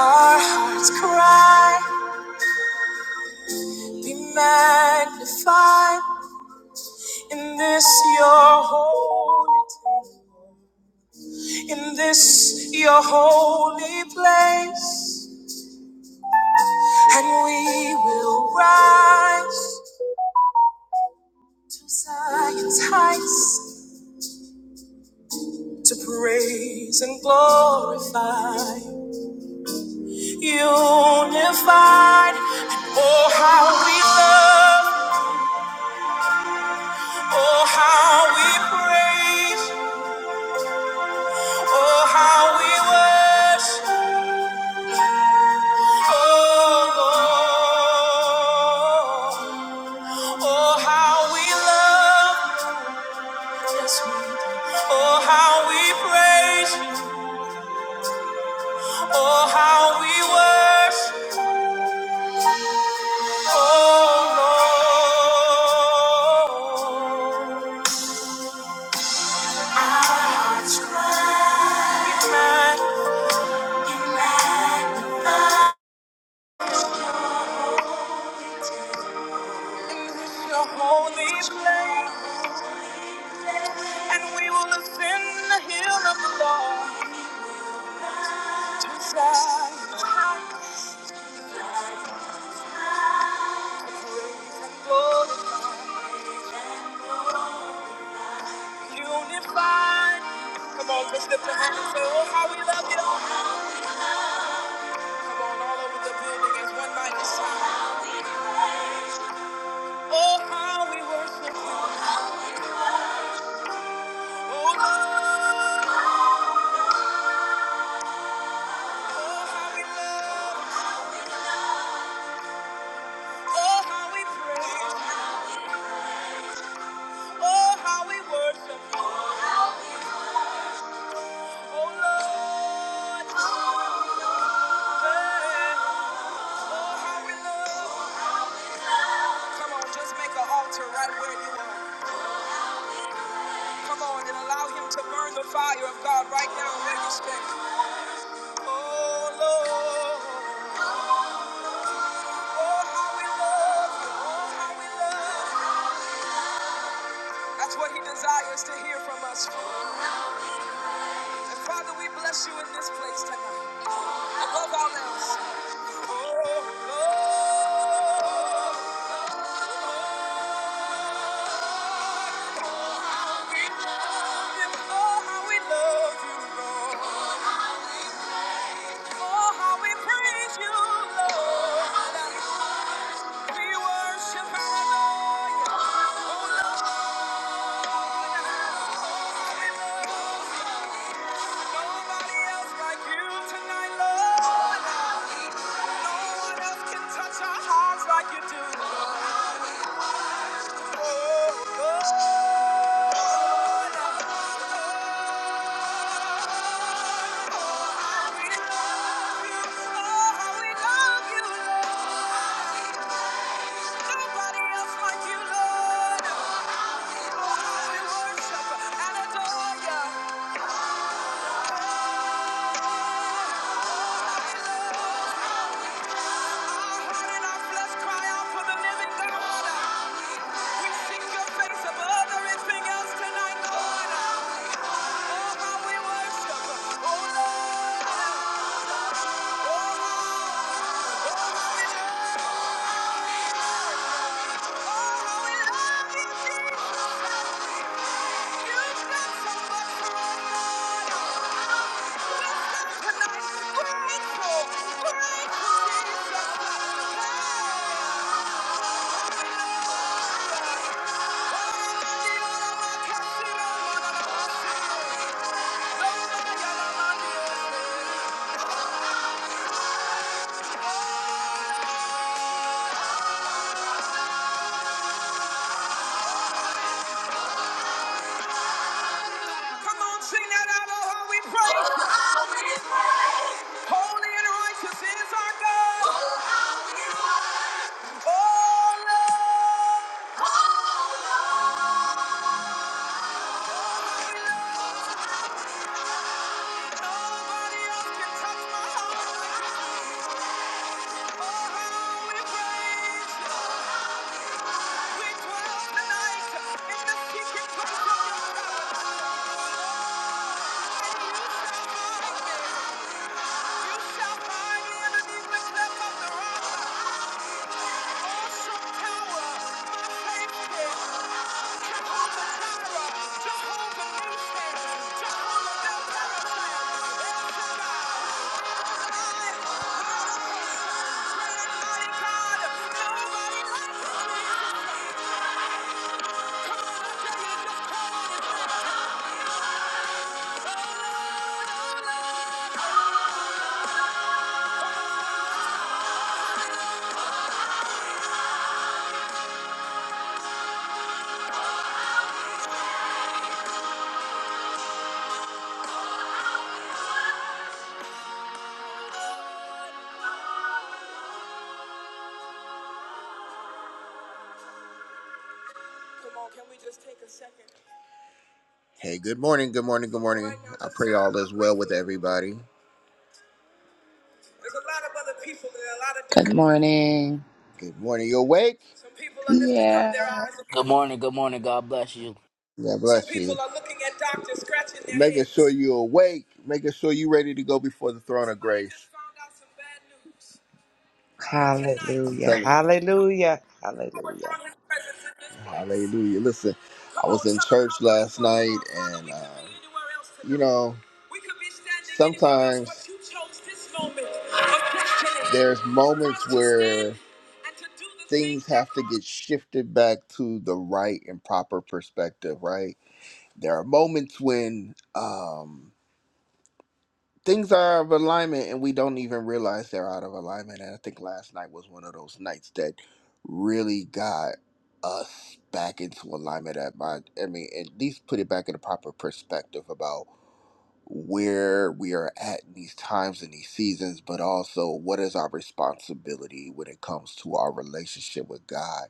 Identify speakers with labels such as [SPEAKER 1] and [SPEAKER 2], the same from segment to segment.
[SPEAKER 1] Our hearts cry, be magnified in this your holy, in this your holy place, and we will rise to Zion's heights to praise and glorify, unified. And oh, how we love, oh, how we praise. Oh, how we worship, oh Lord. Oh, how we love, yes we do. Oh, how we praise, you. oh, how we worship, oh Lord. Our hearts cry, we cry to your holy place, and we will ascend the hill of the Lord. Unified. Come on, let's lift your hands and say, Oh, how we love you. Come on, all over the building as one mighty sound. Oh, how we worship you. Oh, Lord. Oh, how we love. Oh, how we praise. Oh, how we worship you. Oh, Lord. Yeah. Oh, how we love. Come on, just make an altar right where you are. Come on and allow him to burn the fire of God right now in every space. Oh Lord, oh how we love you, oh how we love you. That's what he desires to hear from us. And Father, we bless you in this place tonight. Above all else. Oh Lord, we love you. Oh how we love you, Lord. Oh how we praise you, Lord. We worship our Lord. Oh Lord. Nobody else like you tonight, Lord. No one else can touch our hearts like you do. Oh, Lord, how we love you. Oh, how we love you, Lord. Nobody else like you, Lord. Oh, how we worship and adore you. Tonight, grateful, grateful Jesus. Come on, sing that out, oh, how we praise. Holy and righteous is our God. Oh, Lord. Nobody else can touch my heart. Oh, how we praise. We dwell tonight in the secret place of your God. You shall find me in the deepest depths of the rock. Awesome like Hey, good morning, good morning, good morning. I pray all is well with everybody. There's a lot of other people in a lot of
[SPEAKER 2] Good
[SPEAKER 1] different.
[SPEAKER 2] morning.
[SPEAKER 1] Good morning, you awake? Some people are lifting up their
[SPEAKER 2] Yeah.
[SPEAKER 1] eyes.
[SPEAKER 3] Good morning, good morning. God bless you.
[SPEAKER 1] God So bless Some you. people are looking at doctors scratching their Making heads. sure you're awake, making sure you're ready to go before the throne of Somebody just grace. just found out some bad news. But tonight, I'm
[SPEAKER 2] Hallelujah.
[SPEAKER 1] telling you.
[SPEAKER 2] Hallelujah.
[SPEAKER 1] pour
[SPEAKER 2] Hallelujah.
[SPEAKER 1] down his presence in this place. Hallelujah. Listen, I Come on, was on, in church how last grateful you night are, Father. and, um, you know, We could be um, anywhere else you tonight. know, We could be standing sometimes anywhere else, but sometimes you chose this moment of destiny there's moments where and to do the things things that have to God- get shifted back to the right and proper perspective, right? There are moments when um, things are out of alignment and we don't even realize they're out of alignment. And I think last night was one of those nights that really got us back into alignment. At my, I mean, at least put it back in a proper perspective about where we are at in these times and these seasons, but also what is our responsibility when it comes to our relationship with God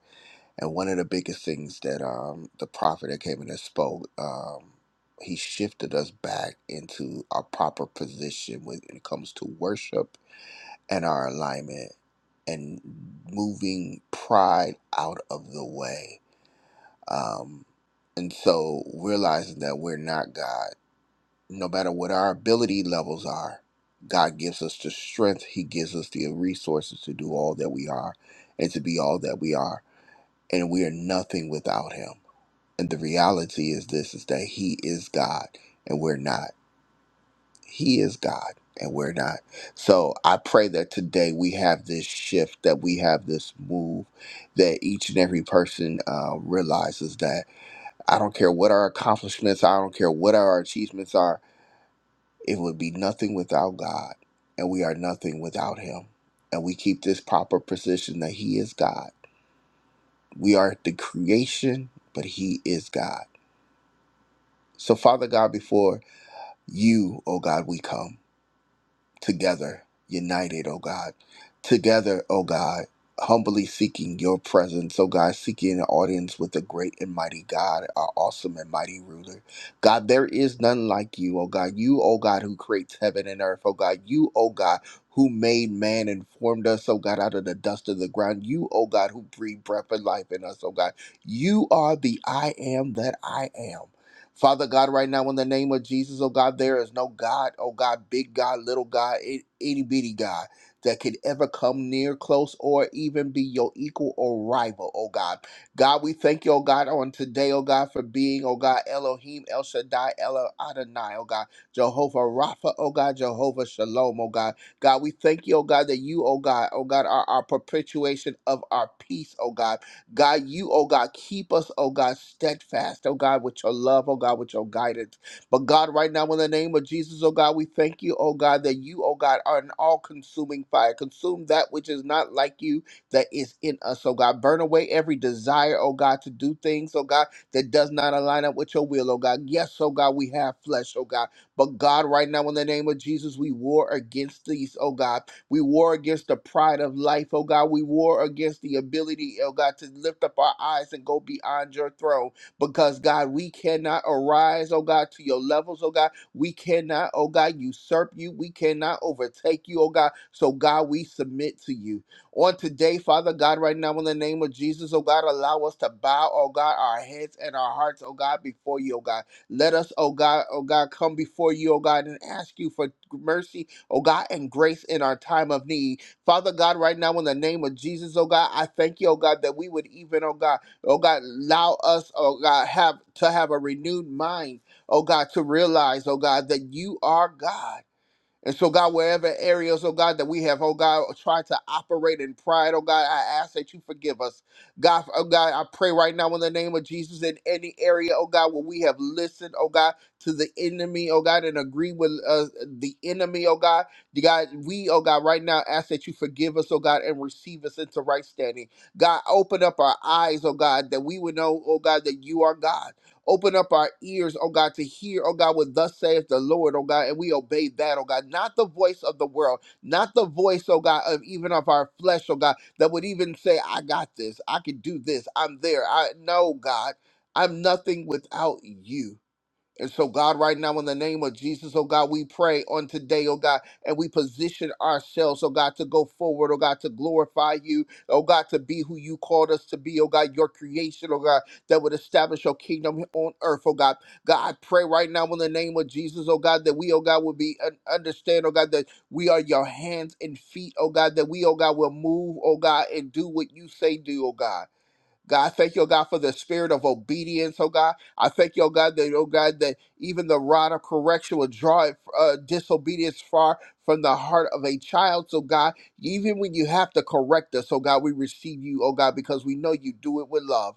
[SPEAKER 1] and one of the biggest things that um, the prophet that came in and spoke, um, he shifted us back into our proper position when it comes to worship and our alignment and moving pride out of the way. Um, and so realizing that we're not God, no matter what our ability levels are, God gives us the strength, He gives us the resources to do all that we are and to be all that we are. And we are nothing without Him and the reality is this is that he is God and we're not. He is God and we're not. So I pray that today we have this shift, that we have this move, that each and every person uh, realizes that I don't care what our accomplishments, I don't care what our achievements are, it would be nothing without God. And we are nothing without him. And we keep this proper position that he is God. We are the creation, but he is God. So, Father God, before You, O God, we come together, united, O God. Together, O God, humbly seeking your presence, O God, seeking an audience with the great and mighty God, our awesome and mighty ruler. God, there is none like you, O God. You, O God, who creates heaven and earth, O God. You, O God, who made man and formed us, O God, out of the dust of the ground. You, O God, who breathed breath and life in us, O God. You are the I am that I am. Father God, right now, in the name of Jesus, oh God, there is no God, oh God, big God, little God, i- itty bitty God, that could ever come near, close, or even be your equal or rival, oh God. God, we thank you, oh God, on today, oh God, for being, oh God, Elohim, El Shaddai, El Adonai, oh God, Jehovah Rapha, oh God, Jehovah Shalom, oh God. God, we thank you, oh God, that you, oh God, oh God, are our perpetuation of our peace, oh God. God, you, oh God, keep us, oh God, steadfast, oh God, with your love, oh God, with your guidance. But God, right now, in the name of Jesus, oh God, we thank you, oh God, that you, oh God, are an all consuming fire. Consume that which is not like you that is in us, oh God. Burn away every desire, oh God, to do things, oh God, that does not align up with your will, oh God. Yes, oh God, we have flesh, oh God. But God, right now, in the name of Jesus, we war against these, oh God. We war against the pride of life, oh God. We war against the ability, oh God, to lift up our eyes and go beyond your throne. Because, God, we cannot arise, oh God, to your levels, oh God. We cannot, oh God, usurp you. We cannot overtake you, oh God. So, God, we submit to you. On today, Father God, right now, in the name of Jesus, oh God, allow us to bow, oh God, our heads and our hearts, oh God, before you, oh God. Let us, oh God, oh God, come before you, oh God, and ask you for mercy oh God, and grace in our time of need. Father God, right now in the name of Jesus, oh God, I thank you, oh God, that we would even, oh God, oh God, allow us, oh God, have to have a renewed mind, oh God, to realize, oh God, that you are God. And so, God, wherever areas, oh God, that we have, oh God, tried to operate in pride, oh God, I ask that you forgive us. God, oh God, I pray right now in the name of Jesus in any area, oh God, where we have listened, oh God, to the enemy, oh God, and agree with uh, the enemy, oh God. The God, we, oh God, right now ask that you forgive us, oh God, and receive us into right standing. God, open up our eyes, oh God, that we would know, oh God, that you are God. Open up our ears, oh God, to hear, oh God, what thus saith the Lord, oh God, and we obey that, oh God. Not the voice of the world, not the voice, oh God, of even of our flesh, oh God, that would even say, I got this, I can do this, I'm there. I know, God, I'm nothing without you. And so, God, right now, in the name of Jesus, oh God, we pray on today, oh God, and we position ourselves, oh God, to go forward, oh God, to glorify you, oh God, to be who you called us to be, oh God, your creation, oh God, that would establish your kingdom on earth, oh God. God, I pray right now in the name of Jesus, oh God, that we, oh God, will be un- understand, oh God, that we are your hands and feet, oh God, that we, oh God, will move, oh God, and do what you say do, oh God. God, I thank you, oh God, for the spirit of obedience, oh God. I thank you, oh God, that, oh God, that even the rod of correction will draw it, uh, disobedience far from the heart of a child. So, God, even when you have to correct us, oh God, we receive you, oh God, because we know you do it with love.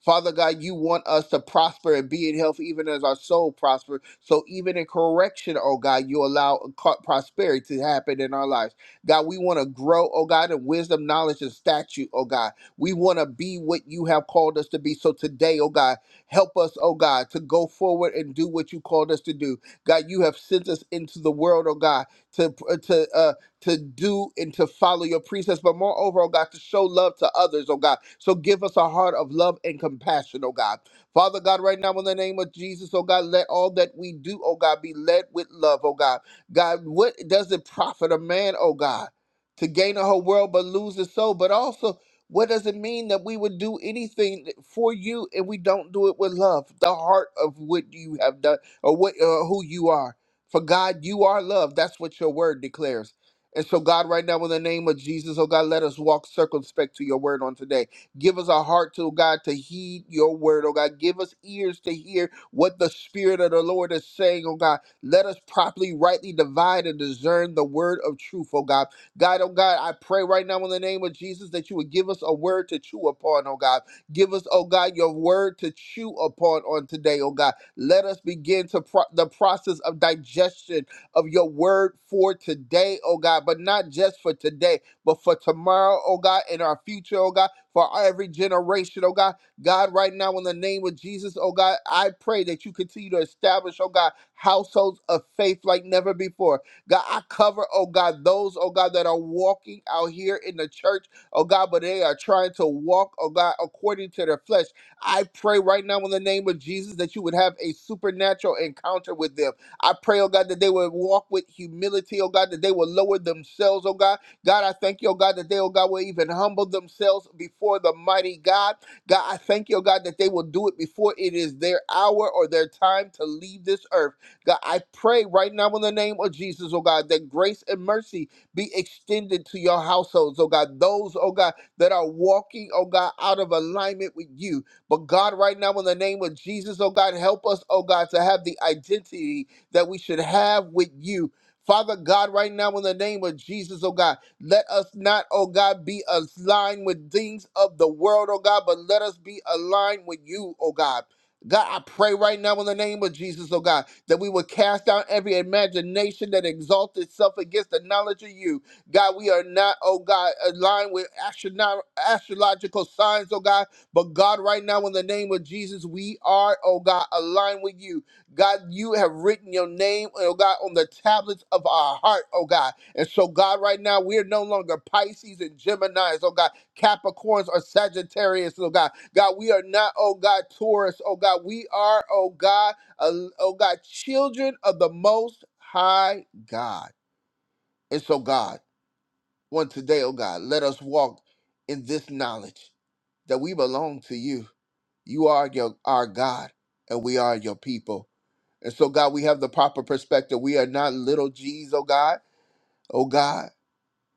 [SPEAKER 1] Father God, you want us to prosper and be in health even as our soul prospers. So even in correction, oh God, you allow co- prosperity to happen in our lives. God, we want to grow, oh God, in wisdom, knowledge, and stature. oh God. We want to be what you have called us to be. So today, oh God, help us, oh God, to go forward and do what you called us to do. God, you have sent us into the world, oh God, to uh, to uh, to do and to follow your precepts, but moreover, oh God, to show love to others, oh God. So give us a heart of love and compassion, oh God. Father God, right now in the name of Jesus, oh God, let all that we do, oh God, be led with love, oh God. God, what does it profit a man, oh God, to gain a whole world but lose his soul? But also, what does it mean that we would do anything for you and we don't do it with love, the heart of what you have done or what uh, who you are? For God, you are love. That's what your word declares. And so, God, right now, in the name of Jesus, oh God, let us walk circumspect to your word on today. Give us a heart to, oh God, to heed your word, oh God. Give us ears to hear what the Spirit of the Lord is saying, oh God. Let us properly, rightly divide and discern the word of truth, oh God. God, oh God, I pray right now in the name of Jesus that you would give us a word to chew upon, oh God. Give us, oh God, your word to chew upon on today, oh God. Let us begin to pro- the process of digestion of your word for today, oh God, but not just for today, but for tomorrow, oh God, and our future, oh God, for every generation, oh God. God, right now, in the name of Jesus, oh God, I pray that you continue to establish, oh God, households of faith like never before. God, I cover, oh God, those, oh God, that are walking out here in the church, oh God, but they are trying to walk, oh God, according to their flesh. I pray right now in the name of Jesus that you would have a supernatural encounter with them I pray, oh God, that they would walk with humility, oh God, that they will lower themselves, oh God. God, I thank you, oh God, that they, oh God, will even humble themselves before the mighty God. God, I thank you, oh God, that they will do it before it is their hour or their time to leave this earth. God, I pray right now in the name of Jesus, oh God, that grace and mercy be extended to your households, oh God. Those, oh God, that are walking, oh God, out of alignment with you. But God, right now in the name of Jesus, oh God, help us, oh God, to have the identity that we should have with you. Father God, right now in the name of Jesus, oh God, let us not, oh God, be aligned with things of the world, oh God, but let us be aligned with you, oh God. God, I pray right now in the name of Jesus, oh God, that we will cast down every imagination that exalts itself against the knowledge of you. God, we are not, oh God, aligned with astrono- astrological signs, oh God, but God, right now in the name of Jesus, we are, oh God, aligned with you. God, you have written your name, oh God, on the tablets of our heart, oh God. And so, God, right now, we're no longer Pisces and Geminis, oh God, Capricorns or Sagittarius, oh God. God, we are not, oh God, Taurus, oh God. We are, oh God, uh, oh God, children of the Most High God. And so, God, on today, oh God, let us walk in this knowledge that we belong to you you are your, our God, and we are your people. And so, God, we have the proper perspective. We are not little G's, oh God, oh God,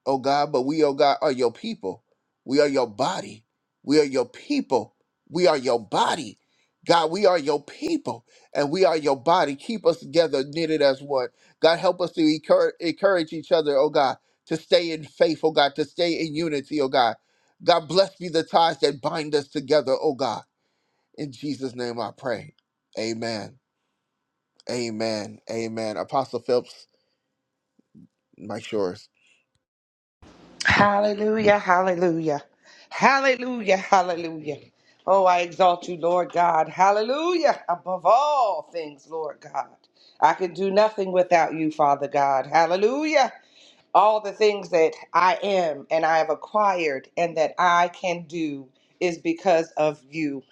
[SPEAKER 1] oh God, but we, oh God, are your people. We are your body. We are your people. We are your body. God, we are your people and we are your body. Keep us together, knitted as one. God, help us to encourage, encourage each other, oh God, to stay in faith, oh God, to stay in unity, oh God. God, bless be the ties that bind us together, oh God. In Jesus' name I pray. Amen. Amen. Amen. Apostle Phelps, Mike Shores.
[SPEAKER 2] Hallelujah. Hallelujah. Hallelujah. Hallelujah. Oh, I exalt you, Lord God. Hallelujah. Above all things, Lord God. I can do nothing without you, Father God. Hallelujah. all the things that I am and I have acquired and that I can do is because of you.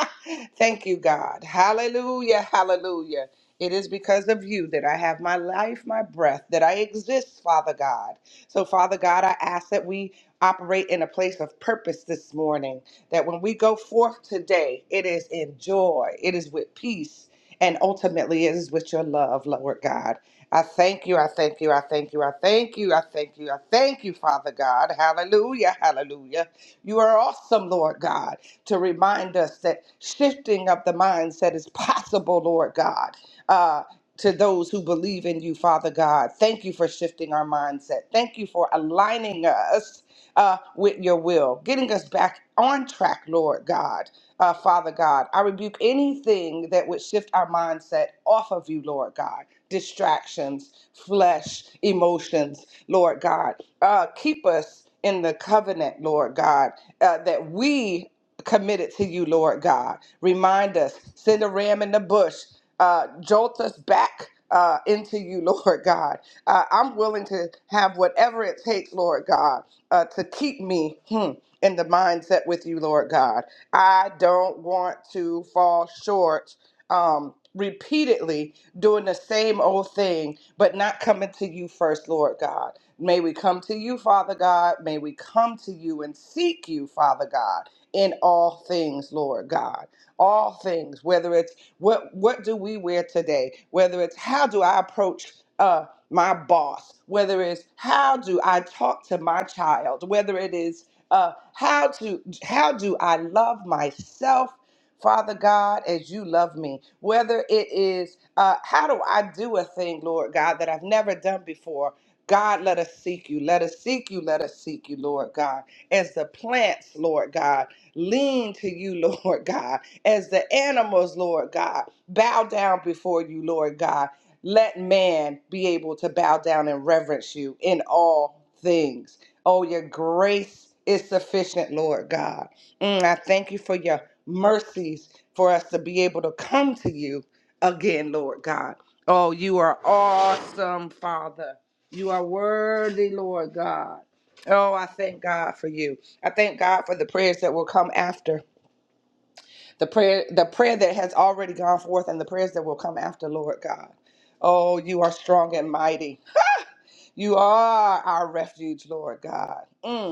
[SPEAKER 2] Thank you, God. Hallelujah. Hallelujah. It is because of you that I have my life, my breath, that I exist, Father God. So, Father God, I ask that we operate in a place of purpose this morning, that when we go forth today, it is in joy, it is with peace, and ultimately it is with your love, Lord God. I thank you, I thank you, I thank you, I thank you, I thank you, I thank you, Father God. Hallelujah, hallelujah. You are awesome, Lord God to remind us that shifting of the mindset is possible, Lord God. Uh, to those who believe in you, Father God. Thank you for shifting our mindset. Thank you for aligning us uh, with your will, getting us back on track, Lord God. Uh, Father God, I rebuke anything that would shift our mindset off of you, Lord God. Distractions, flesh, emotions, Lord God. Uh, keep us in the covenant, Lord God, uh, that we committed to you, Lord God. Remind us, send a ram in the bush, uh, jolt us back. Uh, into you, Lord God. Uh, I'm willing to have whatever it takes, Lord God, uh, to keep me hmm, in the mindset with you, Lord God. I don't want to fall short um, repeatedly doing the same old thing, but not coming to you first, Lord God. May we come to you, Father God. May we come to you and seek you, Father God, in all things, Lord God. All things, whether it's what what do we wear today, whether it's how do I approach uh my boss, whether it's how do I talk to my child, whether it is uh, how to how do I love myself Father God, as you love me, whether it is uh, how do I do a thing, Lord God, that I've never done before. God, let us seek you. Let us seek you. Let us seek you, Lord God. As the plants, Lord God, lean to you, Lord God. As the animals, Lord God, bow down before you, Lord God. Let man be able to bow down and reverence you in all things. Oh, your grace is sufficient, Lord God. Mm, I thank you for your mercies for us to be able to come to you again, Lord God. Oh, you are awesome, Father. You are worthy, Lord God. Oh, I thank God for you. I thank God for the prayers that will come after. The prayer the prayer that has already gone forth and the prayers that will come after, Lord God. Oh, you are strong and mighty. You are our refuge, Lord God. Mm.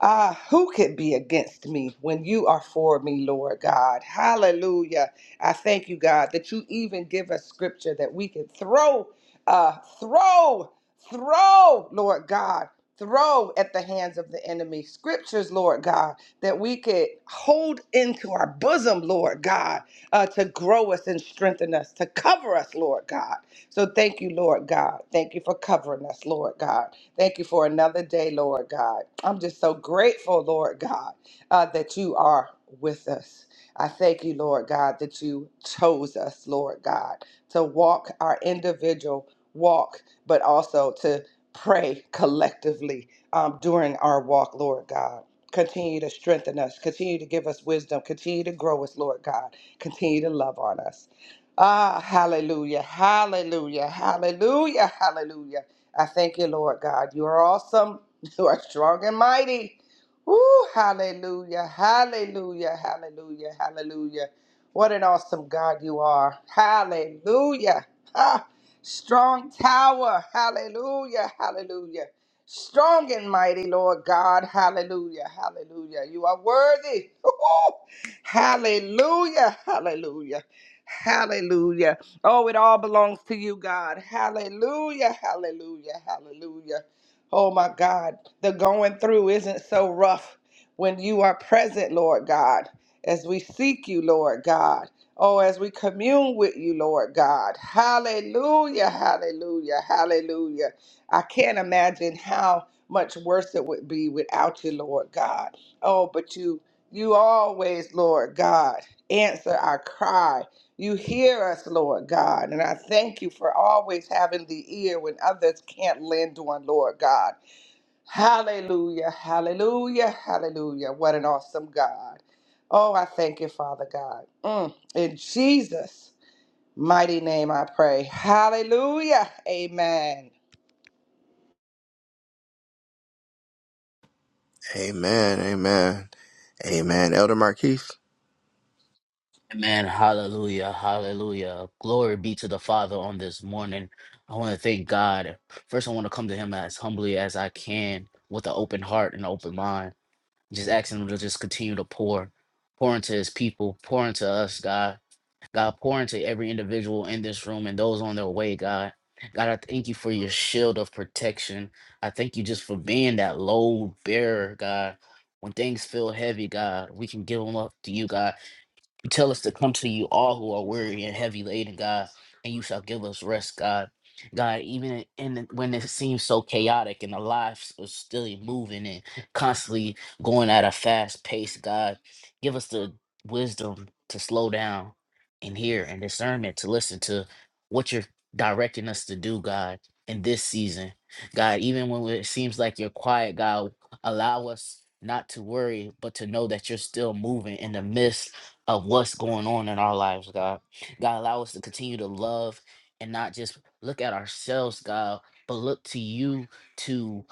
[SPEAKER 2] Ah, who could be against me when you are for me, Lord God? Hallelujah. I thank you, God, that you even give us scripture that we can throw, uh, throw, throw, Lord God, throw at the hands of the enemy. Scriptures, Lord God, that we could hold into our bosom, Lord God, uh, to grow us and strengthen us, to cover us, Lord God. So thank you, Lord God. Thank you for covering us, Lord God. Thank you for another day, Lord God. I'm just so grateful, Lord God, uh, that you are with us. I thank you, Lord God, that you chose us, Lord God, to walk our individual walk, but also to pray collectively um, during our walk, Lord God. Continue to strengthen us, continue to give us wisdom, continue to grow us, Lord God, continue to love on us. Ah, hallelujah, hallelujah, hallelujah, hallelujah. I thank you, Lord God. You are awesome. You are strong and mighty. Woo, hallelujah, hallelujah, hallelujah, hallelujah. What an awesome God you are. Hallelujah. Ah, strong tower. Hallelujah, hallelujah. Strong and mighty, Lord God. Hallelujah, hallelujah. You are worthy. Hallelujah, hallelujah. Hallelujah. Oh, it all belongs to you, God. Hallelujah. Hallelujah. Hallelujah. Oh, my God. The going through isn't so rough when you are present, Lord God, as we seek you, Lord God. Oh, as we commune with you, Lord God. Hallelujah. Hallelujah. Hallelujah. I can't imagine how much worse it would be without you, Lord God. Oh, but you you always, Lord God, answer our cry. You hear us, Lord God, and I thank you for always having the ear when others can't lend one, Lord God. Hallelujah, hallelujah, hallelujah. What an awesome God. Oh, I thank you, Father God. Mm, In Jesus' mighty name I pray. Hallelujah, amen.
[SPEAKER 1] Amen. Amen. Amen. Elder Marquise.
[SPEAKER 3] Amen. Hallelujah. Hallelujah. Glory be to the Father on this morning. I want to thank God. First, I want to come to Him as humbly as I can with an open heart and open mind. Just asking Him to just continue to pour, pour into His people, pour into us, God. God, pour into every individual in this room and those on their way, God. God, I thank you for your shield of protection. I thank you just for being that load bearer, God. When things feel heavy, God, we can give them up to you, God. You tell us to come to you all who are weary and heavy laden, God, and you shall give us rest, God. God, even in, in when it seems so chaotic and the lives are still moving and constantly going at a fast pace, God, give us the wisdom to slow down and hear and discernment to listen to what you're directing us to do, God, in this season. God, even when it seems like you're quiet, God, allow us not to worry, but to know that you're still moving in the midst of what's going on in our lives, God. God, allow us to continue to love and not just look at ourselves, God, but look to you to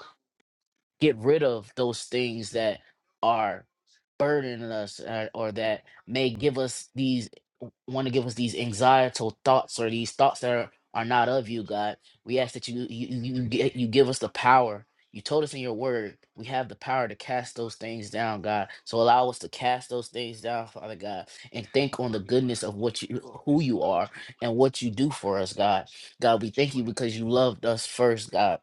[SPEAKER 3] get rid of those things that are burdening us uh, or that may give us these want to give us these anxietal thoughts or these thoughts that are, are not of you god we ask that you you, you you get- you give us the power you told us in your word we have the power to cast those things down god so allow us to cast those things down father god and think on the goodness of what you who you are and what you do for us god god we thank you because you loved us first god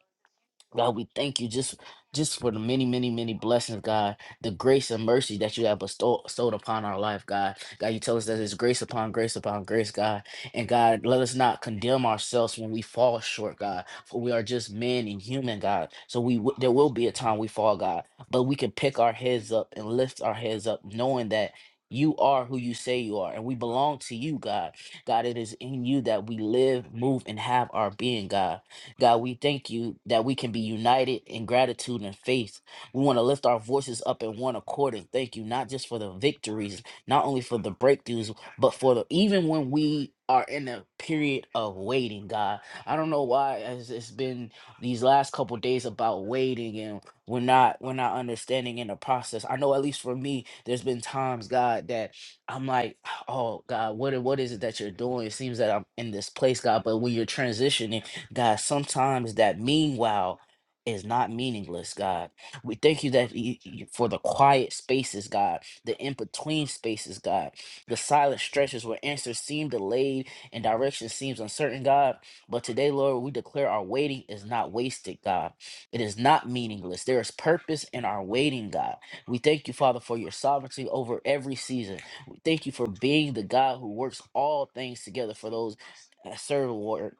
[SPEAKER 3] God, we thank you just just for the many, many, many blessings, God. The grace and mercy that you have bestow, bestowed upon our life, God. God, you tell us that it's grace upon grace upon grace, God. And God, let us not condemn ourselves when we fall short, God. For we are just men and human, God. So we w- there will be a time we fall, God. But we can pick our heads up and lift our heads up, knowing that. You are who you say you are, and we belong to you, God. God, it is in you that we live, move, and have our being, God. God, we thank you that we can be united in gratitude and faith. We want to lift our voices up in one accord and thank you, not just for the victories, not only for the breakthroughs, but for the even when we are in a period of waiting, God. I don't know why it's it's been these last couple days about waiting and we're not we're not understanding in the process. I know at least for me, there's been times, God, that I'm like, oh God, what i- what is it that you're doing? It seems that I'm in this place, God, but when you're transitioning. God, sometimes that meanwhile is not meaningless, God. We thank you that you, you- for the quiet spaces, God, the in between spaces, God, the silent stretches where answers seem delayed and direction seems uncertain, God. But today, Lord, we declare our waiting is not wasted, God. It is not meaningless. There is purpose in our waiting, God. We thank you, Father, for your sovereignty over every season. We thank you for being the God who works all things together for those that serve the Lord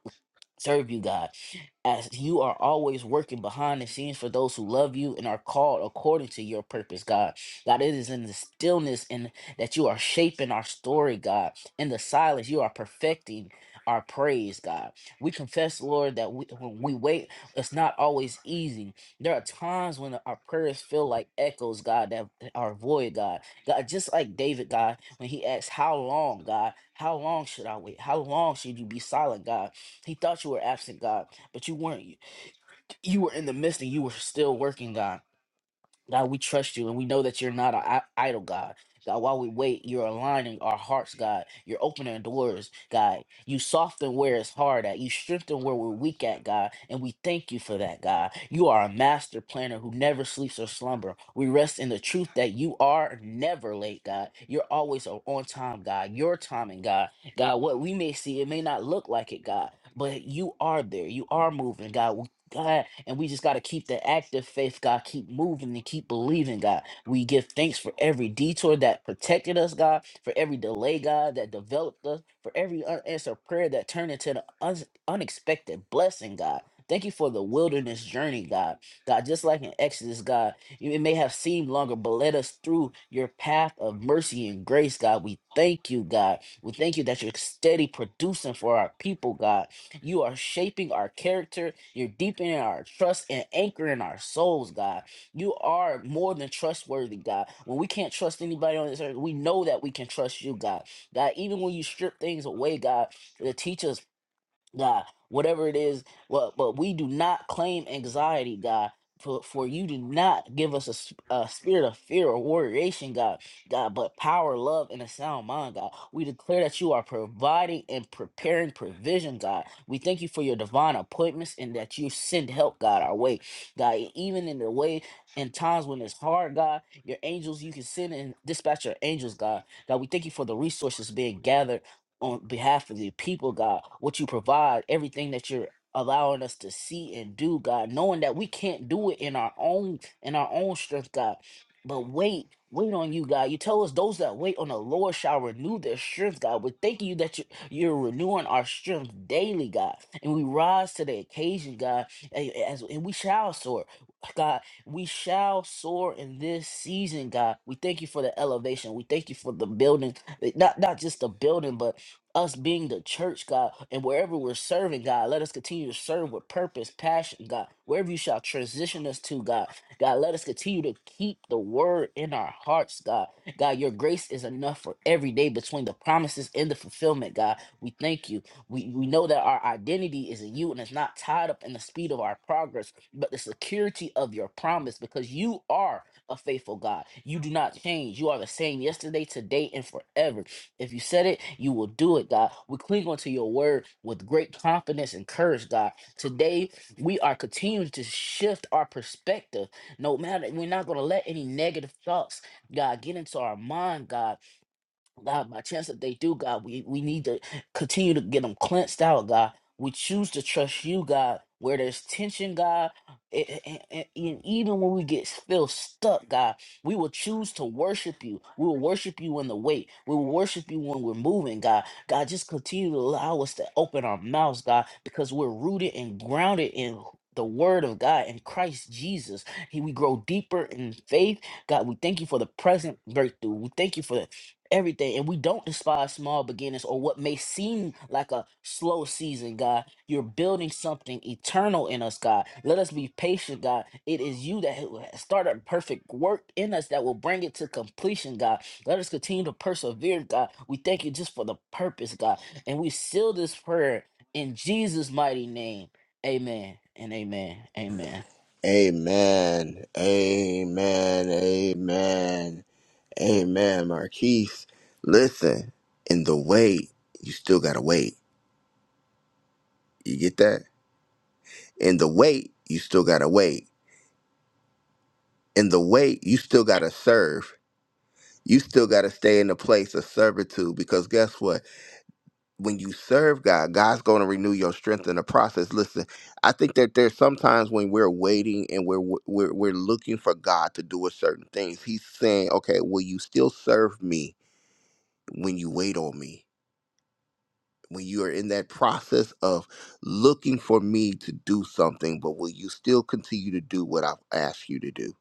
[SPEAKER 3] serve you, God, as you are always working behind the scenes for those who love you and are called according to your purpose, God. God, it is in the stillness and that you are shaping our story, God. In the silence, you are perfecting our praise, God. We confess, Lord, that we, when we wait, it's not always easy. There are times when our prayers feel like echoes, God, that are void, God. God, just like David, God, when he asked, How long, God? How long should I wait? How long should you be silent, God? He thought you were absent, God, but you weren't. You were in the midst and you were still working, God. God, we trust you and we know that you're not an I- idol, God. God, while we wait, you're aligning our hearts, God. You're opening doors, God. You soften where it's hard at. You strengthen where we're weak at, God. And we thank you for that, God. You are a master planner who never sleeps or slumber. We rest in the truth that you are never late, God. You're always o- on time, God. Your timing, God. God, what we may see, it may not look like it, God. But you are there. You are moving, God. God, and we just got to keep the active faith, God, keep moving and keep believing, God. We give thanks for every detour that protected us, God, for every delay, God, that developed us, for every unanswered prayer that turned into the un- unexpected blessing, God. Thank you for the wilderness journey, God. God, just like in Exodus, God, you- it may have seemed longer, but led us through your path of mercy and grace, God. We thank you, God. We thank you that you're steady producing for our people, God. You are shaping our character. You're deepening our trust and anchoring our souls, God. You are more than trustworthy, God. When we can't trust anybody on this earth, we know that we can trust you, God. God, even when you strip things away, God, to teach us God, whatever it is, well, but we do not claim anxiety, God. For, for you do not give us a, s- a spirit of fear or worriation, God, God, but power, love, and a sound mind, God. We declare that you are providing and preparing provision, God. We thank you for your divine appointments and that you send help, God, our way, God. e- Even in the way, in times when it's hard, God, your angels, you can send and dispatch your angels, God. God, we thank you for the resources being gathered on behalf of the people, God, what you provide, everything that you're allowing us to see and do, God, knowing that we can't do it in our own in our own strength, God. But wait, wait on you, God. You tell us those that wait on the Lord shall renew their strength, God. We're thanking you that you, you're renewing our strength daily, God. And we rise to the occasion, God, a- as and we shall soar. God, we shall soar in this season, God. We thank you for the elevation. We thank you for the building, eh, not not just the building, but us being the church, God, and wherever we're serving, God, let us continue to serve with purpose, passion, God. Wherever you shall transition us to, God, God, let us continue to keep the word in our hearts, God. God, your grace is enough for every day between the promises and the fulfillment, God. We thank you. We, we know that our identity is in you and it's not tied up in the speed of our progress, but the security of your promise because you are a faithful God. You do not change. You are the same yesterday, today, and forever. If you said it, you will do it, God. We cling onto your word with great confidence and courage, God. Today, we are continuing to shift our perspective. No matter, we're not going to let any negative thoughts, God, get into our mind, God. God, by chance that they do, God, we, we need to continue to get them cleansed out, God. We choose to trust you, God, where there's tension, God. And, and, and even when we get feel stuck, God, we will choose to worship you. We will worship you in the wait. We will worship you when we're moving, God. God, just continue to allow us to open our mouths, God, because we're rooted and grounded in the word of God in Christ Jesus. He, we grow deeper in faith. God, we thank you for the present breakthrough. We thank you for the everything and we don't despise small beginnings or what may seem like a slow season god you're building something eternal in us god let us be patient god it is you that ha- started a perfect work in us that will bring it to completion god let us continue to persevere god we thank you just for the purpose god and we seal this prayer in jesus mighty name amen and amen amen
[SPEAKER 1] Amen. Amen. Amen. Amen. Marquise, listen, in the wait, you still gotta wait. You get that? In the wait, you still gotta wait. In the wait, you still gotta serve. You still gotta stay in the place of servitude because guess what? when you serve God, God's going to renew your strength in the process. Listen, I think that there's sometimes when we're waiting and we're we're we're looking for God to do a certain things. He's saying, "Okay, will you still serve me when you wait on me? When you are in that process of looking for me to do something, but will you still continue to do what I've asked you to do?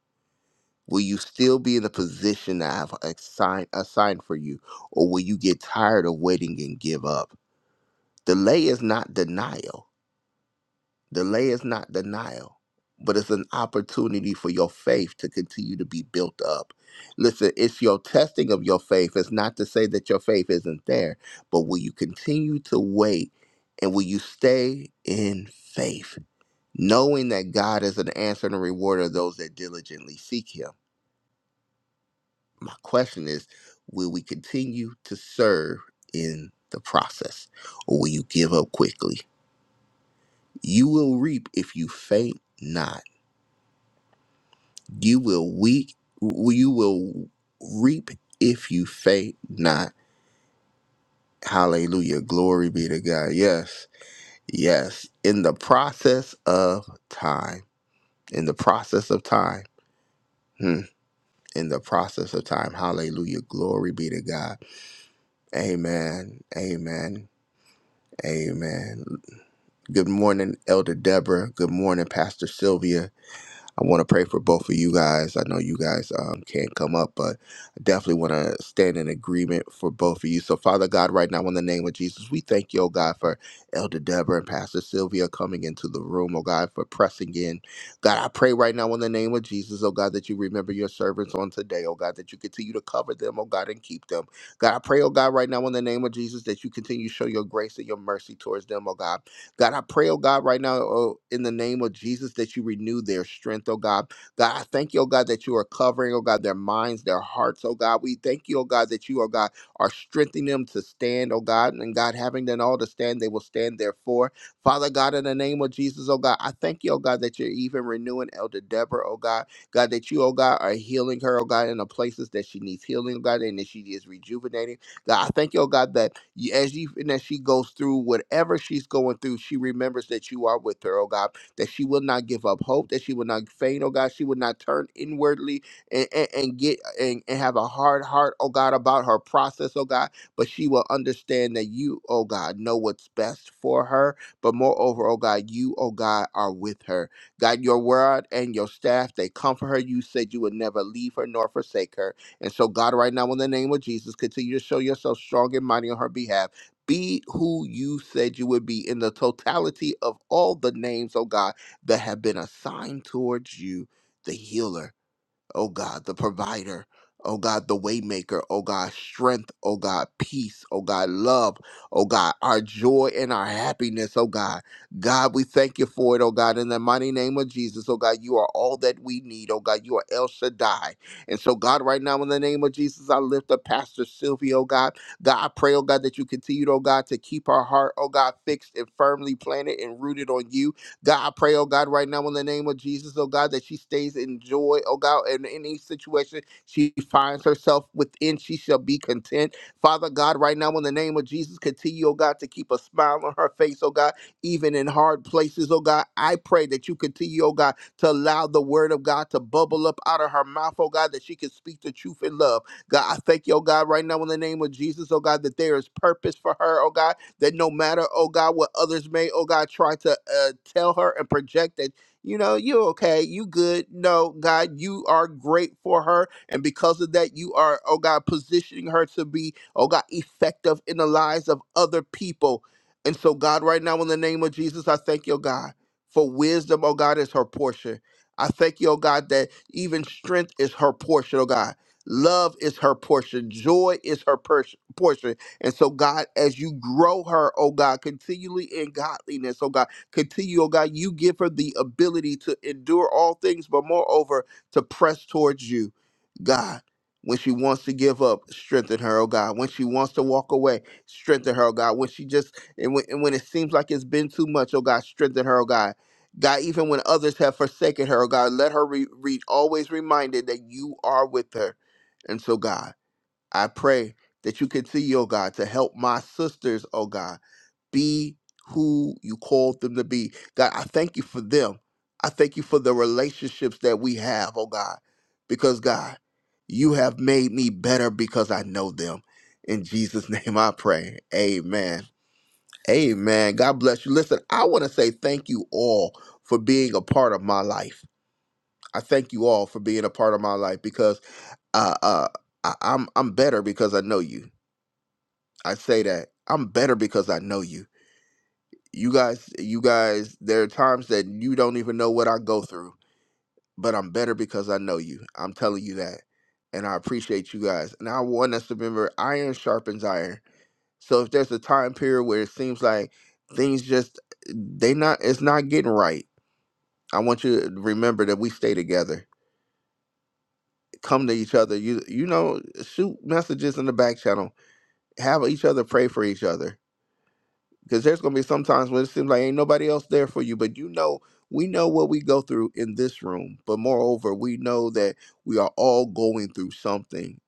[SPEAKER 1] Will you still be in the position that I've assigned assigned for you, or will you get tired of waiting and give up? Delay is not denial Delay is not denial, but it's an opportunity for your faith to continue to be built up. Listen, it's your testing of your faith. It's not to say that your faith isn't there, but will you continue to wait and will you stay in faith, knowing that God is an answer and a rewarder of those that diligently seek Him? My question is will we continue to serve in the process or will you give up quickly? You will reap if you faint not. You will weak you will reap if you faint not. Hallelujah. Glory be to God. Yes. Yes. In the process of time. In the process of time. Hmm. In the process of time. Hallelujah. Glory be to God. Amen. Amen. Amen. Good morning, Elder Deborah. Good morning, Pastor Sylvia. I want to pray for both of you guys. I know you guys um, can't come up, but I definitely want to stand in agreement for both of you. So, Father God, right now, in the name of Jesus, we thank you, oh God, for Elder Deborah and Pastor Sylvia coming into the room, oh God, for pressing in. God, I pray right now, in the name of Jesus, oh God, that you remember your servants on today, oh God, that you continue to cover them, oh God, and keep them. God, I pray, oh God, right now, in the name of Jesus, that you continue to show your grace and your mercy towards them, oh God. God, I pray, oh God, right now, oh, in the name of Jesus, that you renew their strength, oh God. God, I thank you, oh God, that you are covering, oh God, their minds, their hearts, oh God. We thank you, oh God, that you, oh God, are strengthening them to stand, oh God. And God, having done all to stand, they will stand therefore. Father God, in the name of Jesus, oh God, I thank you, oh God, that you're even renewing Elder Deborah, oh God. God, that you, oh God, are healing her, oh God, in the places that she needs healing, oh God, and that she is rejuvenating. God, I thank you, oh God, that you, as you and as she goes through whatever she's going through, she remembers that you are with her, oh God, that she will not give up hope, that she will not faint, oh God, she will not turn inwardly and, and, and get and, and have a hard heart, oh God, about her process, oh God, but she will understand that you, oh God, know what's best for her. But moreover, oh God, you, oh God, are with her. God, your word and your staff, they comfort her. You said you would never leave her nor forsake her. And so, God, right now, in the name of Jesus, continue to show yourself strong and mighty on her behalf. Be who you said you would be in the totality of all the names, oh God, that have been assigned towards you, the healer oh God, the provider, oh God, the waymaker, oh God, strength, oh God, peace, oh God, love, oh God, our joy and our happiness, oh God. God, we thank you for it, oh God, in the mighty name of Jesus, oh God, you are all that we need, oh God, you are El Shaddai. And so, God, right now, in the name of Jesus, I lift up Pastor Sylvia, oh God. God, I pray, oh God, that you continue, oh God, to keep our heart, oh God, fixed and firmly planted and rooted on you. God, I pray, oh God, right now in the name of Jesus, oh God, that she stays in joy, oh God, and in any situation she finds herself within, she shall be content. Father God, right now in the name of Jesus, continue, oh God, to keep a smile on her face, oh God, even in hard places, oh God. I pray that you continue, oh God, to allow the word of God to bubble up out of her mouth, oh God, that she can speak the truth in love. God, I thank you, oh God, right now in the name of Jesus, oh God, that there is purpose for her, oh God that no matter, oh God, what others may, oh God, try to uh, tell her and project that, you know, you're okay, you good. No, God, you are great for her. And because of that, you are, oh God, positioning her to be, oh God, effective in the lives of other people. And so, God, right now, in the name of Jesus, I thank you, oh God, for wisdom, oh God, is her portion. I thank you, oh God, that even strength is her portion, oh God. Love is her portion. Joy is her pers- portion. And so, God, as you grow her, oh God, continually in godliness, oh God, continue, oh God, you give her the ability to endure all things, but moreover, to press towards you, God. When she wants to give up, strengthen her, oh God. When she wants to walk away, strengthen her, oh God. When she just, and when, and when it seems like it's been too much, oh God, strengthen her, oh God. God, even when others have forsaken her, oh God, let her re- re- always reminded that you are with her. And so, God. I pray that you continue, oh God, to help my sisters, oh God, be who you called them to be. God, I thank you for them. I thank you for the relationships that we have, oh God, because God, you have made me better because I know them. In Jesus' name I pray. Amen. Amen. God bless you. Listen, I want to say thank you all for being a part of my life. I thank you all for being a part of my life because uh, uh, I, I'm I'm better because I know you. I say that I'm better because I know you. You guys, you guys, there are times that you don't even know what I go through, but I'm better because I know you. I'm telling you that. And I appreciate you guys. And I want us to remember iron sharpens iron. So if there's a time period where it seems like things just they not it's not getting right, I want you to remember that we stay together. Come to each other. You you know, shoot messages in the back channel. Have each other pray for each other because there's going to be some times when it seems like ain't nobody else there for you but you know we know what we go through in this room but moreover we know that we are all going through something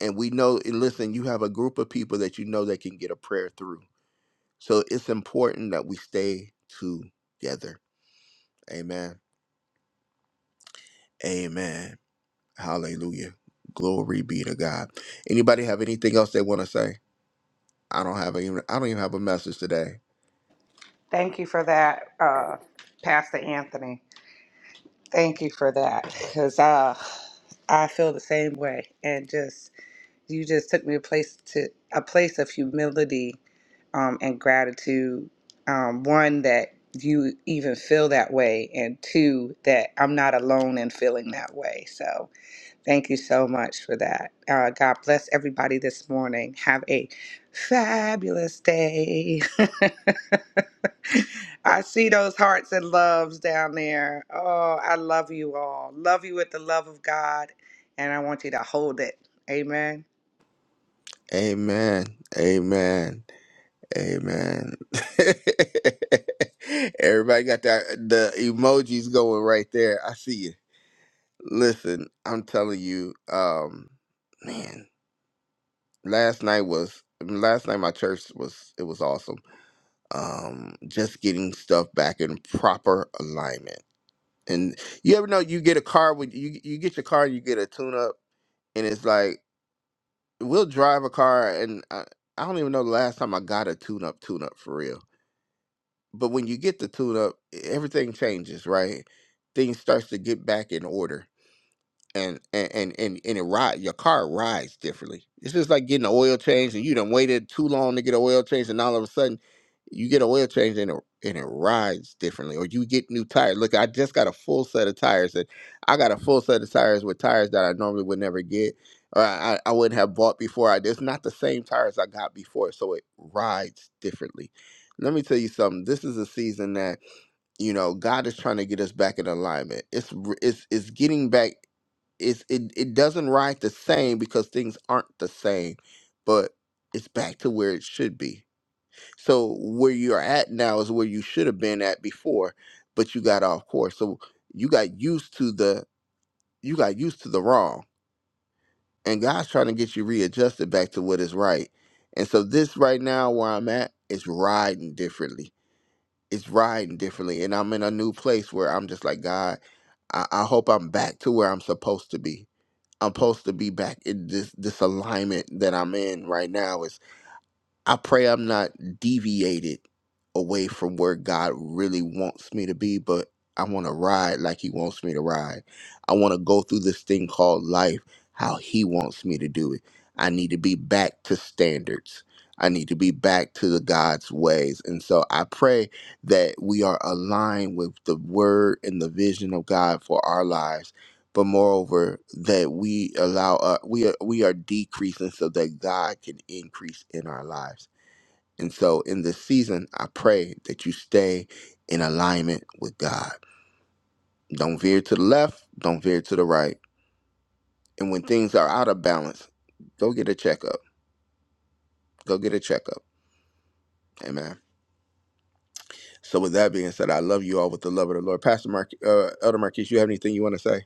[SPEAKER 1] and we know and listen you have a group of people that you know that can get a prayer through so it's important that we stay together amen amen hallelujah glory be to god anybody have anything else they want to say i don't have a. I don't even have a message today
[SPEAKER 2] Thank you for that, uh, Pastor Anthony. Thank you for that, because uh, I feel the same way and just you just took me a place to a place of humility um, and gratitude. Um, one that you even feel that way, and two that I'm not alone in feeling that way. So thank you so much for that. Uh, God bless everybody this morning. Have a fabulous day. I see those hearts and loves down there. Oh, I love you all. Love you with the love of God, and I want you to hold it. Amen.
[SPEAKER 1] amen amen Amen. Everybody got that the emojis going right there. I see you. Listen, I'm telling you, um, man, last night was last night my church was it was awesome. Um, just getting stuff back in proper alignment. And you ever know you get a car with you you get your car you get a tune up and it's like we'll drive a car and I, I don't even know the last time I got a tune up tune up for real but when you get the tune up, everything changes, right? Things starts to get back in order and and and and, and it ride your car rides differently. It's just like getting an oil change and you done waited too long to get an oil change and all of a sudden you get an oil change and it and it rides differently. Or you get new tires. Look, I just got a full set of tires and I got a full set of tires with tires that I normally would never get or I, I wouldn't have bought before. I it's not the same tires I got before. So it rides differently. Let me tell you something. This is a season that you know, God is trying to get us back in alignment. It's r- it's it's getting back. It's it it doesn't ride the same because things aren't the same, but it's back to where it should be. So where you're at now is where you should have been at before, but you got off course. So you got used to the you got used to the wrong, and God's trying to get you readjusted back to what is right. And so this right now where I'm at is riding differently. It's riding differently, and I'm in a new place where I'm just like God. I, I hope I'm back to where I'm supposed to be. I'm supposed to be back in this this alignment that I'm in right now. I pray I'm not deviated away from where God really wants me to be, but I want to ride like He wants me to ride. I want to go through this thing called life how He wants me to do it. I need to be back to standards. I need to be back to the God's ways. And so I pray that we are aligned with the word and the vision of God for our lives. But moreover, that we allow uh, we are we are decreasing so that God can increase in our lives. And so in this season, I pray that you stay in alignment with God. Don't veer to the left, don't veer to the right. And when things are out of balance, go get a checkup. Go get a checkup. Amen. So with that being said, I love you all with the love of the Lord. Pastor Mark, uh, Elder Marquise, you have anything you want to say?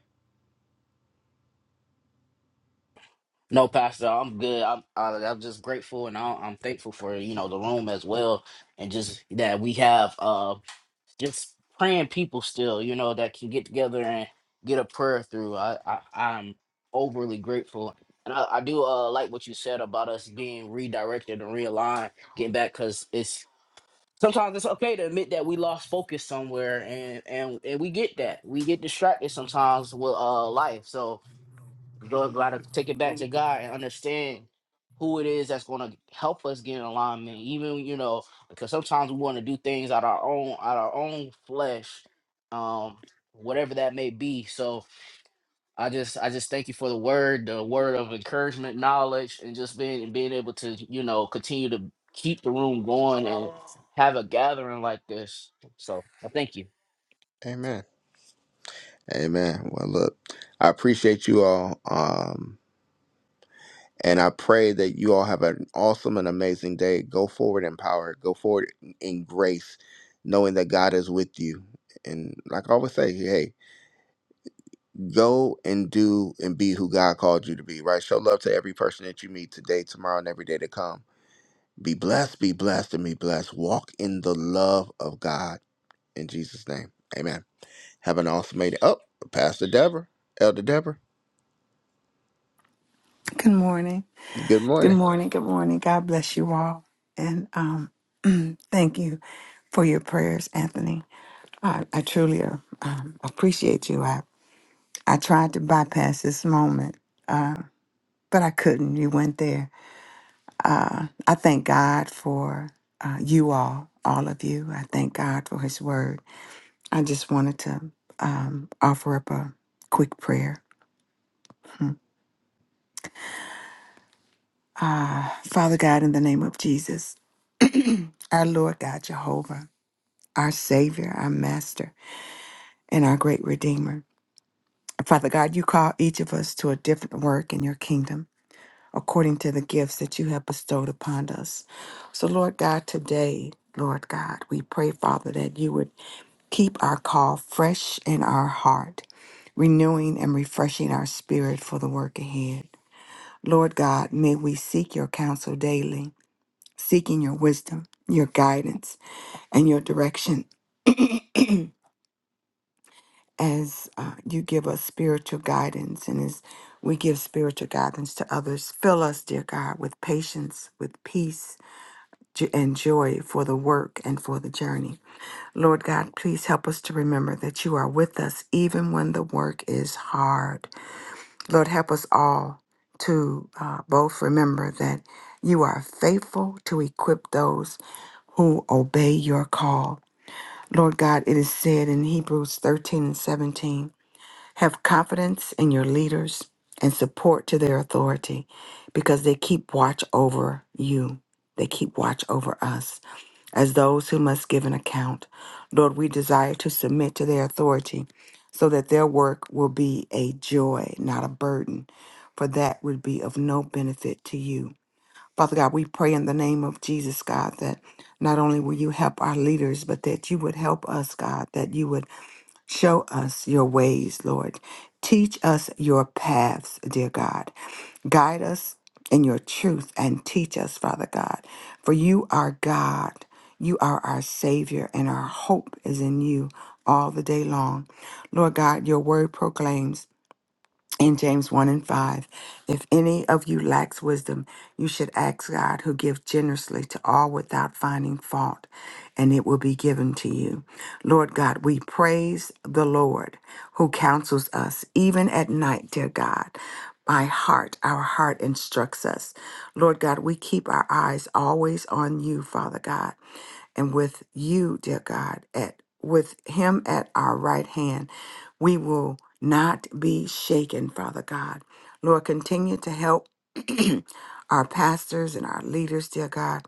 [SPEAKER 3] No, Pastor, I'm good. I'm I, I'm just grateful and I, I'm thankful for you know the room as well, and just that we have uh just praying people still, you know, that can get together and get a prayer through. I, I I'm overly grateful, and I, I do uh like what you said about us being redirected and realigned, getting back because it's sometimes it's okay to admit that we lost focus somewhere, and and and we get that we get distracted sometimes with uh life, so go- gotta take it back to God and understand who it is that's gonna help us get in alignment. Even you know, because sometimes we want to do things out our own out our own flesh, um, whatever that may be. So I just I just thank you for the word, the word of encouragement, knowledge, and just being being able to you know continue to keep the room going and have a gathering like this. So I thank you.
[SPEAKER 1] Amen. Amen. Well, look, I appreciate you all. Um, And I pray that you all have an awesome and amazing day. Go forward in power, go forward in grace, knowing that God is with you. And like I always say, hey, go and do and be who God called you to be, right? Show love to every person that you meet today, tomorrow, and every day to come. Be blessed, be blessed, and be blessed. Walk in the love of God. In Jesus' name, amen. Have an awesome day. Oh, Pastor Deborah, Elder Deborah,
[SPEAKER 4] Good morning.
[SPEAKER 1] good
[SPEAKER 4] Good
[SPEAKER 1] morning.
[SPEAKER 4] morning. Good morning. God bless you all. And um, thank you for your prayers, Anthony. I, I truly uh, um, appreciate you. I, I tried to bypass this moment, uh, but I couldn't. You went there. Uh, I thank God for uh, you all, all of you. I thank God for his word. I just wanted to um, offer up a quick prayer. Ah, Father God, in the name of Jesus, our Lord God Jehovah. our Savior, our Master, and our great Redeemer. Father God, you call each of us to a different work in your kingdom according to the gifts that you have bestowed upon us. So, Lord God, today, Lord God, we pray, Father, that you would keep our call fresh in our heart, renewing and refreshing our spirit for the work ahead. Lord God, may we seek your counsel daily, seeking your wisdom, your guidance, and your direction as uh, you give us spiritual guidance and as we give spiritual guidance to others. Fill us, dear God, with patience, with peace, jo- and joy for the work and for the journey. Lord God, please help us to remember that you are with us even when the work is hard. Lord, help us all to uh, both remember that you are faithful to equip those who obey your call. Lord God, it is said in Hebrews 13 and 17. Have confidence in your leaders and support to their authority because they keep watch over you. They keep watch over us as those who must give an account. Lord, we desire to submit to their authority so that their work will be a joy, not a burden, for that would be of no benefit to you. Father God, we pray in the name of Jesus, God, that not only will you help our leaders, but that you would help us, God, that you would Show us your ways, Lord. Teach us your paths, dear God. Guide us in your truth and teach us, Father God. For you are God. You are our Savior, and our hope is in you all the day long. Lord God, your word proclaims in James 1 and 5. If any of you lacks wisdom, you should ask God, who gives generously to all without finding fault, and it will be given to you. Lord God, we praise the Lord who counsels us, even at night, dear God. By heart, our heart instructs us. Lord God, we keep our eyes always on you, Father God and with you, dear God, at with him at our right hand, we will not be shaken, Father God. Lord, continue to help our pastors and our leaders, dear God.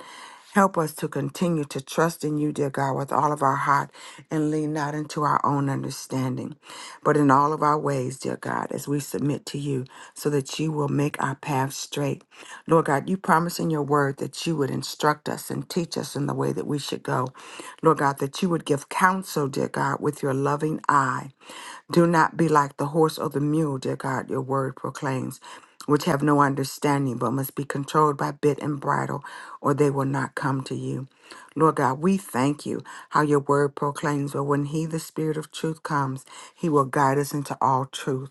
[SPEAKER 4] Help us to continue to trust in you, dear God, with all of our heart and lean not into our own understanding, but in all of our ways, dear God, as we submit to you, so that you will make our path straight. Lord God, you promise in your word that you would instruct us and teach us in the way that we should go. Lord God, that you would give counsel, dear God, with your loving eye. Do not be like the horse or the mule, dear God, your word proclaims, which have no understanding but must be controlled by bit and bridle, or they will not come to you. Lord God, we thank you how your word proclaims, but when he, the spirit of truth, comes, he will guide us into all truth.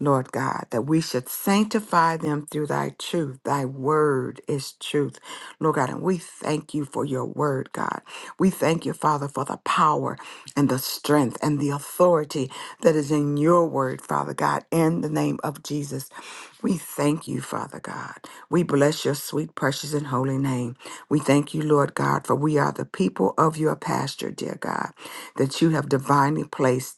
[SPEAKER 4] Lord God, that we should sanctify them through thy truth. Thy word is truth, Lord God. And we thank you for your word, God. We thank you, Father, for the power and the strength and the authority that is in your word, Father God, in the name of Jesus. We thank you, Father God. We bless your sweet, precious, and holy name. We thank you, Lord God, for we are the people of your pasture, dear God, that you have divinely placed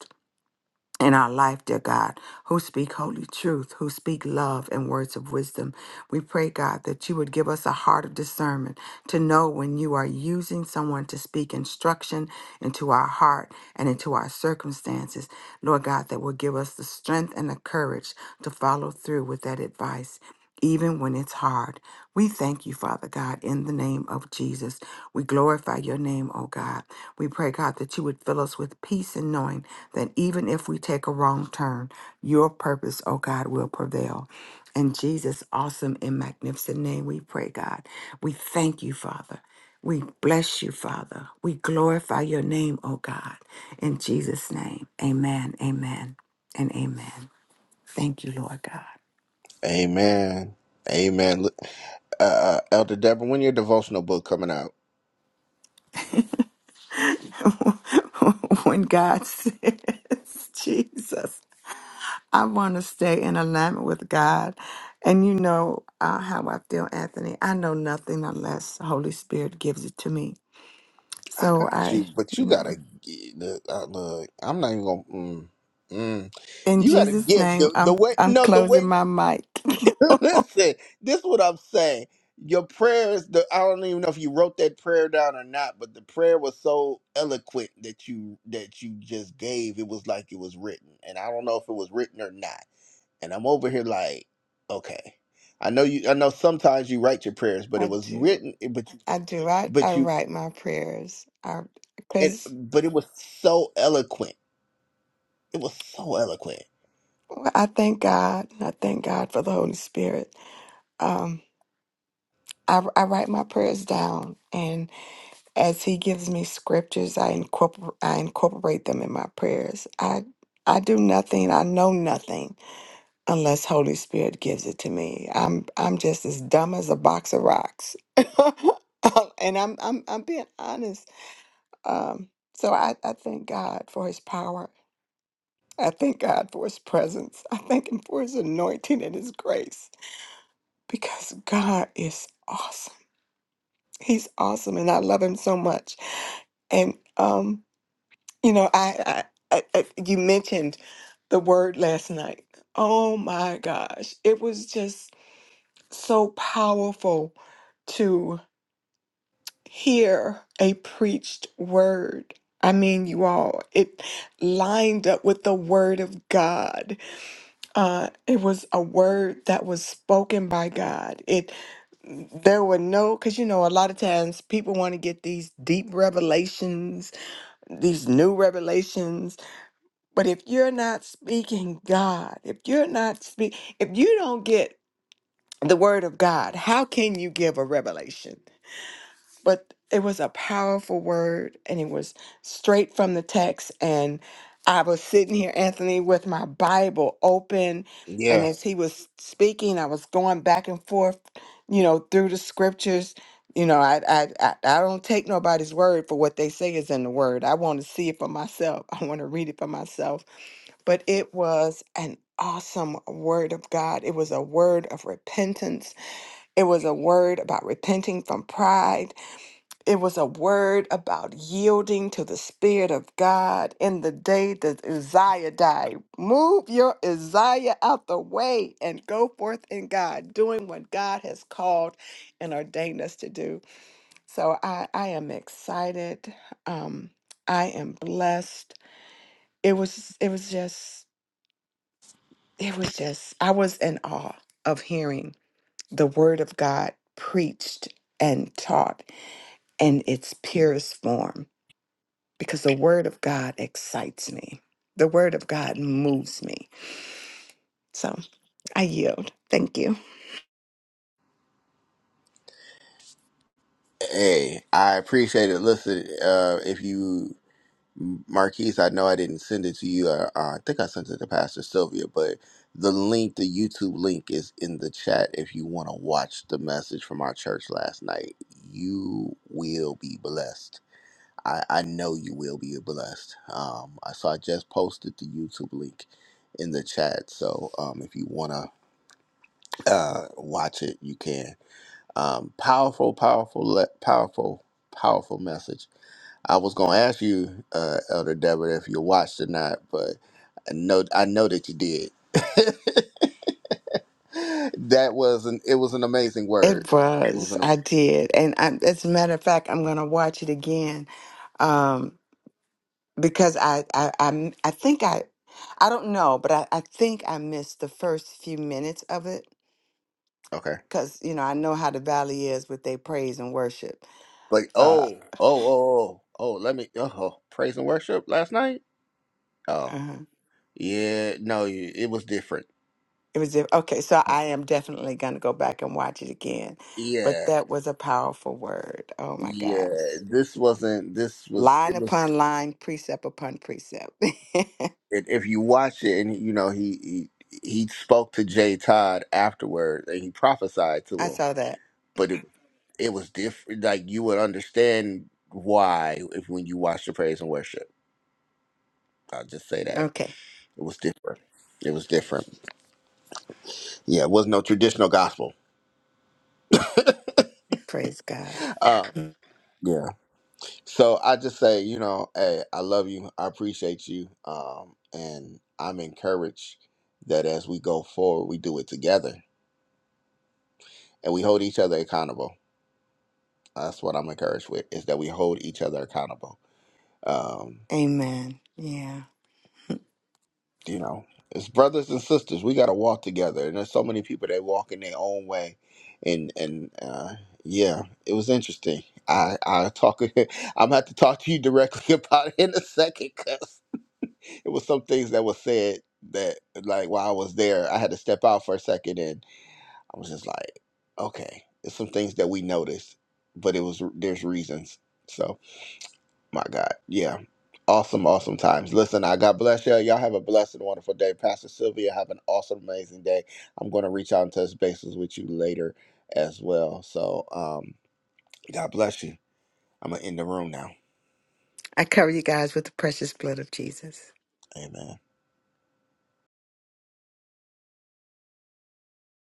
[SPEAKER 4] in our life, dear God, who speak holy truth, who speak love and words of wisdom. We pray, God, that you would give us a heart of discernment to know when you are using someone to speak instruction into our heart and into our circumstances. Lord God, that will give us the strength and the courage to follow through with that advice even when it's hard. We thank you, Father God, in the name of Jesus. We glorify your name, oh God. We pray, God, that you would fill us with peace and knowing that even if we take a wrong turn, your purpose, oh God, will prevail. In Jesus' awesome and magnificent name, we pray, God. We thank you, Father. We bless you, Father. We glorify your name, oh God. In Jesus' name, amen, amen, and amen. Thank you, Lord God.
[SPEAKER 1] Amen. Amen. uh, Elder Deborah, when your devotional book coming out?
[SPEAKER 4] when God says, Jesus, I want to stay in alignment with God. And you know uh, how I feel, Anthony. I know nothing unless the Holy Spirit gives it to me.
[SPEAKER 1] I
[SPEAKER 4] So
[SPEAKER 1] got
[SPEAKER 4] I,
[SPEAKER 1] you, but
[SPEAKER 4] you
[SPEAKER 1] you gotta
[SPEAKER 4] know,
[SPEAKER 1] gi- look. Uh, look I'm not even gonna. Mm, mm.
[SPEAKER 4] in
[SPEAKER 1] You gotta
[SPEAKER 4] Jesus'
[SPEAKER 1] give
[SPEAKER 4] name,
[SPEAKER 1] the the
[SPEAKER 4] I'm
[SPEAKER 1] way.
[SPEAKER 4] I'm
[SPEAKER 1] No, the
[SPEAKER 4] closing
[SPEAKER 1] way.
[SPEAKER 4] my mic.
[SPEAKER 1] listen, this is what I'm saying. Your prayer is the. I don't even know if you wrote that prayer down or not, but the prayer was so eloquent that you that you just gave. It was like it was written, and I don't know if it was written or not. And I'm over here like, okay. I know you. I know sometimes you write your prayers, but
[SPEAKER 4] I
[SPEAKER 1] it was
[SPEAKER 4] do.
[SPEAKER 1] written. But
[SPEAKER 4] I do. I, I
[SPEAKER 1] but you
[SPEAKER 4] write my prayers. I
[SPEAKER 1] it,
[SPEAKER 4] because
[SPEAKER 1] but it was so eloquent. It was so eloquent.
[SPEAKER 4] I thank God. I thank God for the Holy Spirit. Um, I, I write my prayers down, and. As he gives me scriptures, I incorporate I incorporate them in my prayers. I I do nothing, I know nothing unless Holy Spirit gives it to me. I'm I'm just as dumb as a box of rocks. and I'm I'm I'm being honest. Um so I, I thank God for his power. I thank God for his presence. I thank him for his anointing and his grace because God is awesome. He's awesome and I love him so much. And um You know, I, I, I, I you mentioned the word last night. Oh my gosh, it was just so powerful to hear a preached word. I mean, you all, it lined up with the word of God. Uh, it was a word that was spoken by God. It there were no because you know a lot of times people want to get these deep revelations these new revelations but if you're not speaking God, if you're not speak, if you don't get the word of God, how can you give a revelation? But it was a powerful word and it was straight from the text and I was sitting here Anthony with my Bible open and
[SPEAKER 1] Yeah.
[SPEAKER 4] as he was speaking I was going back and forth, you know, through the scriptures. You know, I I I I don't take nobody's word for what they say is in the word. I want to see it for myself. I want to read it for myself but it was an awesome word of God. It was a word of repentance. It was a word about repenting from pride. It was a word about yielding to the Spirit of God in the day that Uzziah died. Move your Uzziah out the way and go forth in God, doing what God has called and ordained us to do. So I, I am excited. Um, I am blessed. It was it was just it was just I was in awe of hearing the word of God preached and taught in its purest form because the word of God excites me. The word of God moves me. So I yield. Thank you.
[SPEAKER 1] Hey, I appreciate it. Listen, uh, if you, Marquise, I know I didn't send it to you. Uh, uh, I think I sent it to Pastor Sylvia, but the link, the YouTube link, is in the chat. If you want to watch the message from our church last night, you will be blessed. I, I know you will be blessed. Um, I so I just posted the YouTube link in the chat. So um, if you wanna uh, watch it. You can. Um, powerful, powerful, le- powerful, powerful message. I was gonna ask you, uh, Elder Deborah, if you watched or not, but I know I know that you did. that was an it was an amazing word.
[SPEAKER 4] It
[SPEAKER 1] It was
[SPEAKER 4] was.
[SPEAKER 1] an
[SPEAKER 4] I did. And I, as a matter of fact, I'm going to watch it again um, because I, I, I, I think I, I don't know, but I, I think I missed the first few minutes of it
[SPEAKER 1] okay.
[SPEAKER 4] because you know I know how the valley is with their praise and worship.
[SPEAKER 1] Like
[SPEAKER 4] Uh,
[SPEAKER 1] oh oh oh oh oh. Let me oh praise and worship last night. Oh
[SPEAKER 4] uh
[SPEAKER 1] yeah, no, you- it was different.
[SPEAKER 4] It was if- okay, so I am definitely going to go back and watch it again. But
[SPEAKER 1] Yeah,
[SPEAKER 4] that was a powerful word. Oh my
[SPEAKER 1] yeah.
[SPEAKER 4] gosh,
[SPEAKER 1] This wasn't. This was.
[SPEAKER 4] line
[SPEAKER 1] It was.
[SPEAKER 4] upon line, precept upon precept.
[SPEAKER 1] it, if you watch it, and you know he he he spoke to Jay Todd afterward, and he prophesied to
[SPEAKER 4] I
[SPEAKER 1] him,
[SPEAKER 4] saw that.
[SPEAKER 1] but it it was different. Like you would understand why if when you watch the praise and worship. I'll just say that
[SPEAKER 4] Okay,
[SPEAKER 1] it was different. It was different. Yeah, it was no traditional gospel.
[SPEAKER 4] praise God.
[SPEAKER 1] Uh,
[SPEAKER 4] Mm,
[SPEAKER 1] yeah. So I just say, you know, hey, I love you. I appreciate you. Um, and I'm encouraged that as we go forward, we do it together and we hold each other accountable That's what I'm encouraged with is that we hold each other accountable. Um,
[SPEAKER 4] Amen. Yeah,
[SPEAKER 1] you know, as brothers and sisters, we got to walk together. And there's so many people that walk in their own way, and and uh, yeah, it was interesting. I I talk. I'm gonna have to talk to you directly about it in a second because it was some things that was said that like while I was there, I had to step out for a second, and I was just like, okay, it's some things that we noticed, but it was there's reasons. So. My God. Yeah. Awesome, awesome times. Listen, I God bless you. Y'all have a blessed and wonderful day. Pastor Sylvia, have an awesome, amazing day. I'm going to reach out and touch bases with you later as well. So, um, God bless you. I'm going to end the room now.
[SPEAKER 4] I cover you guys with the precious blood of Jesus.
[SPEAKER 1] Amen.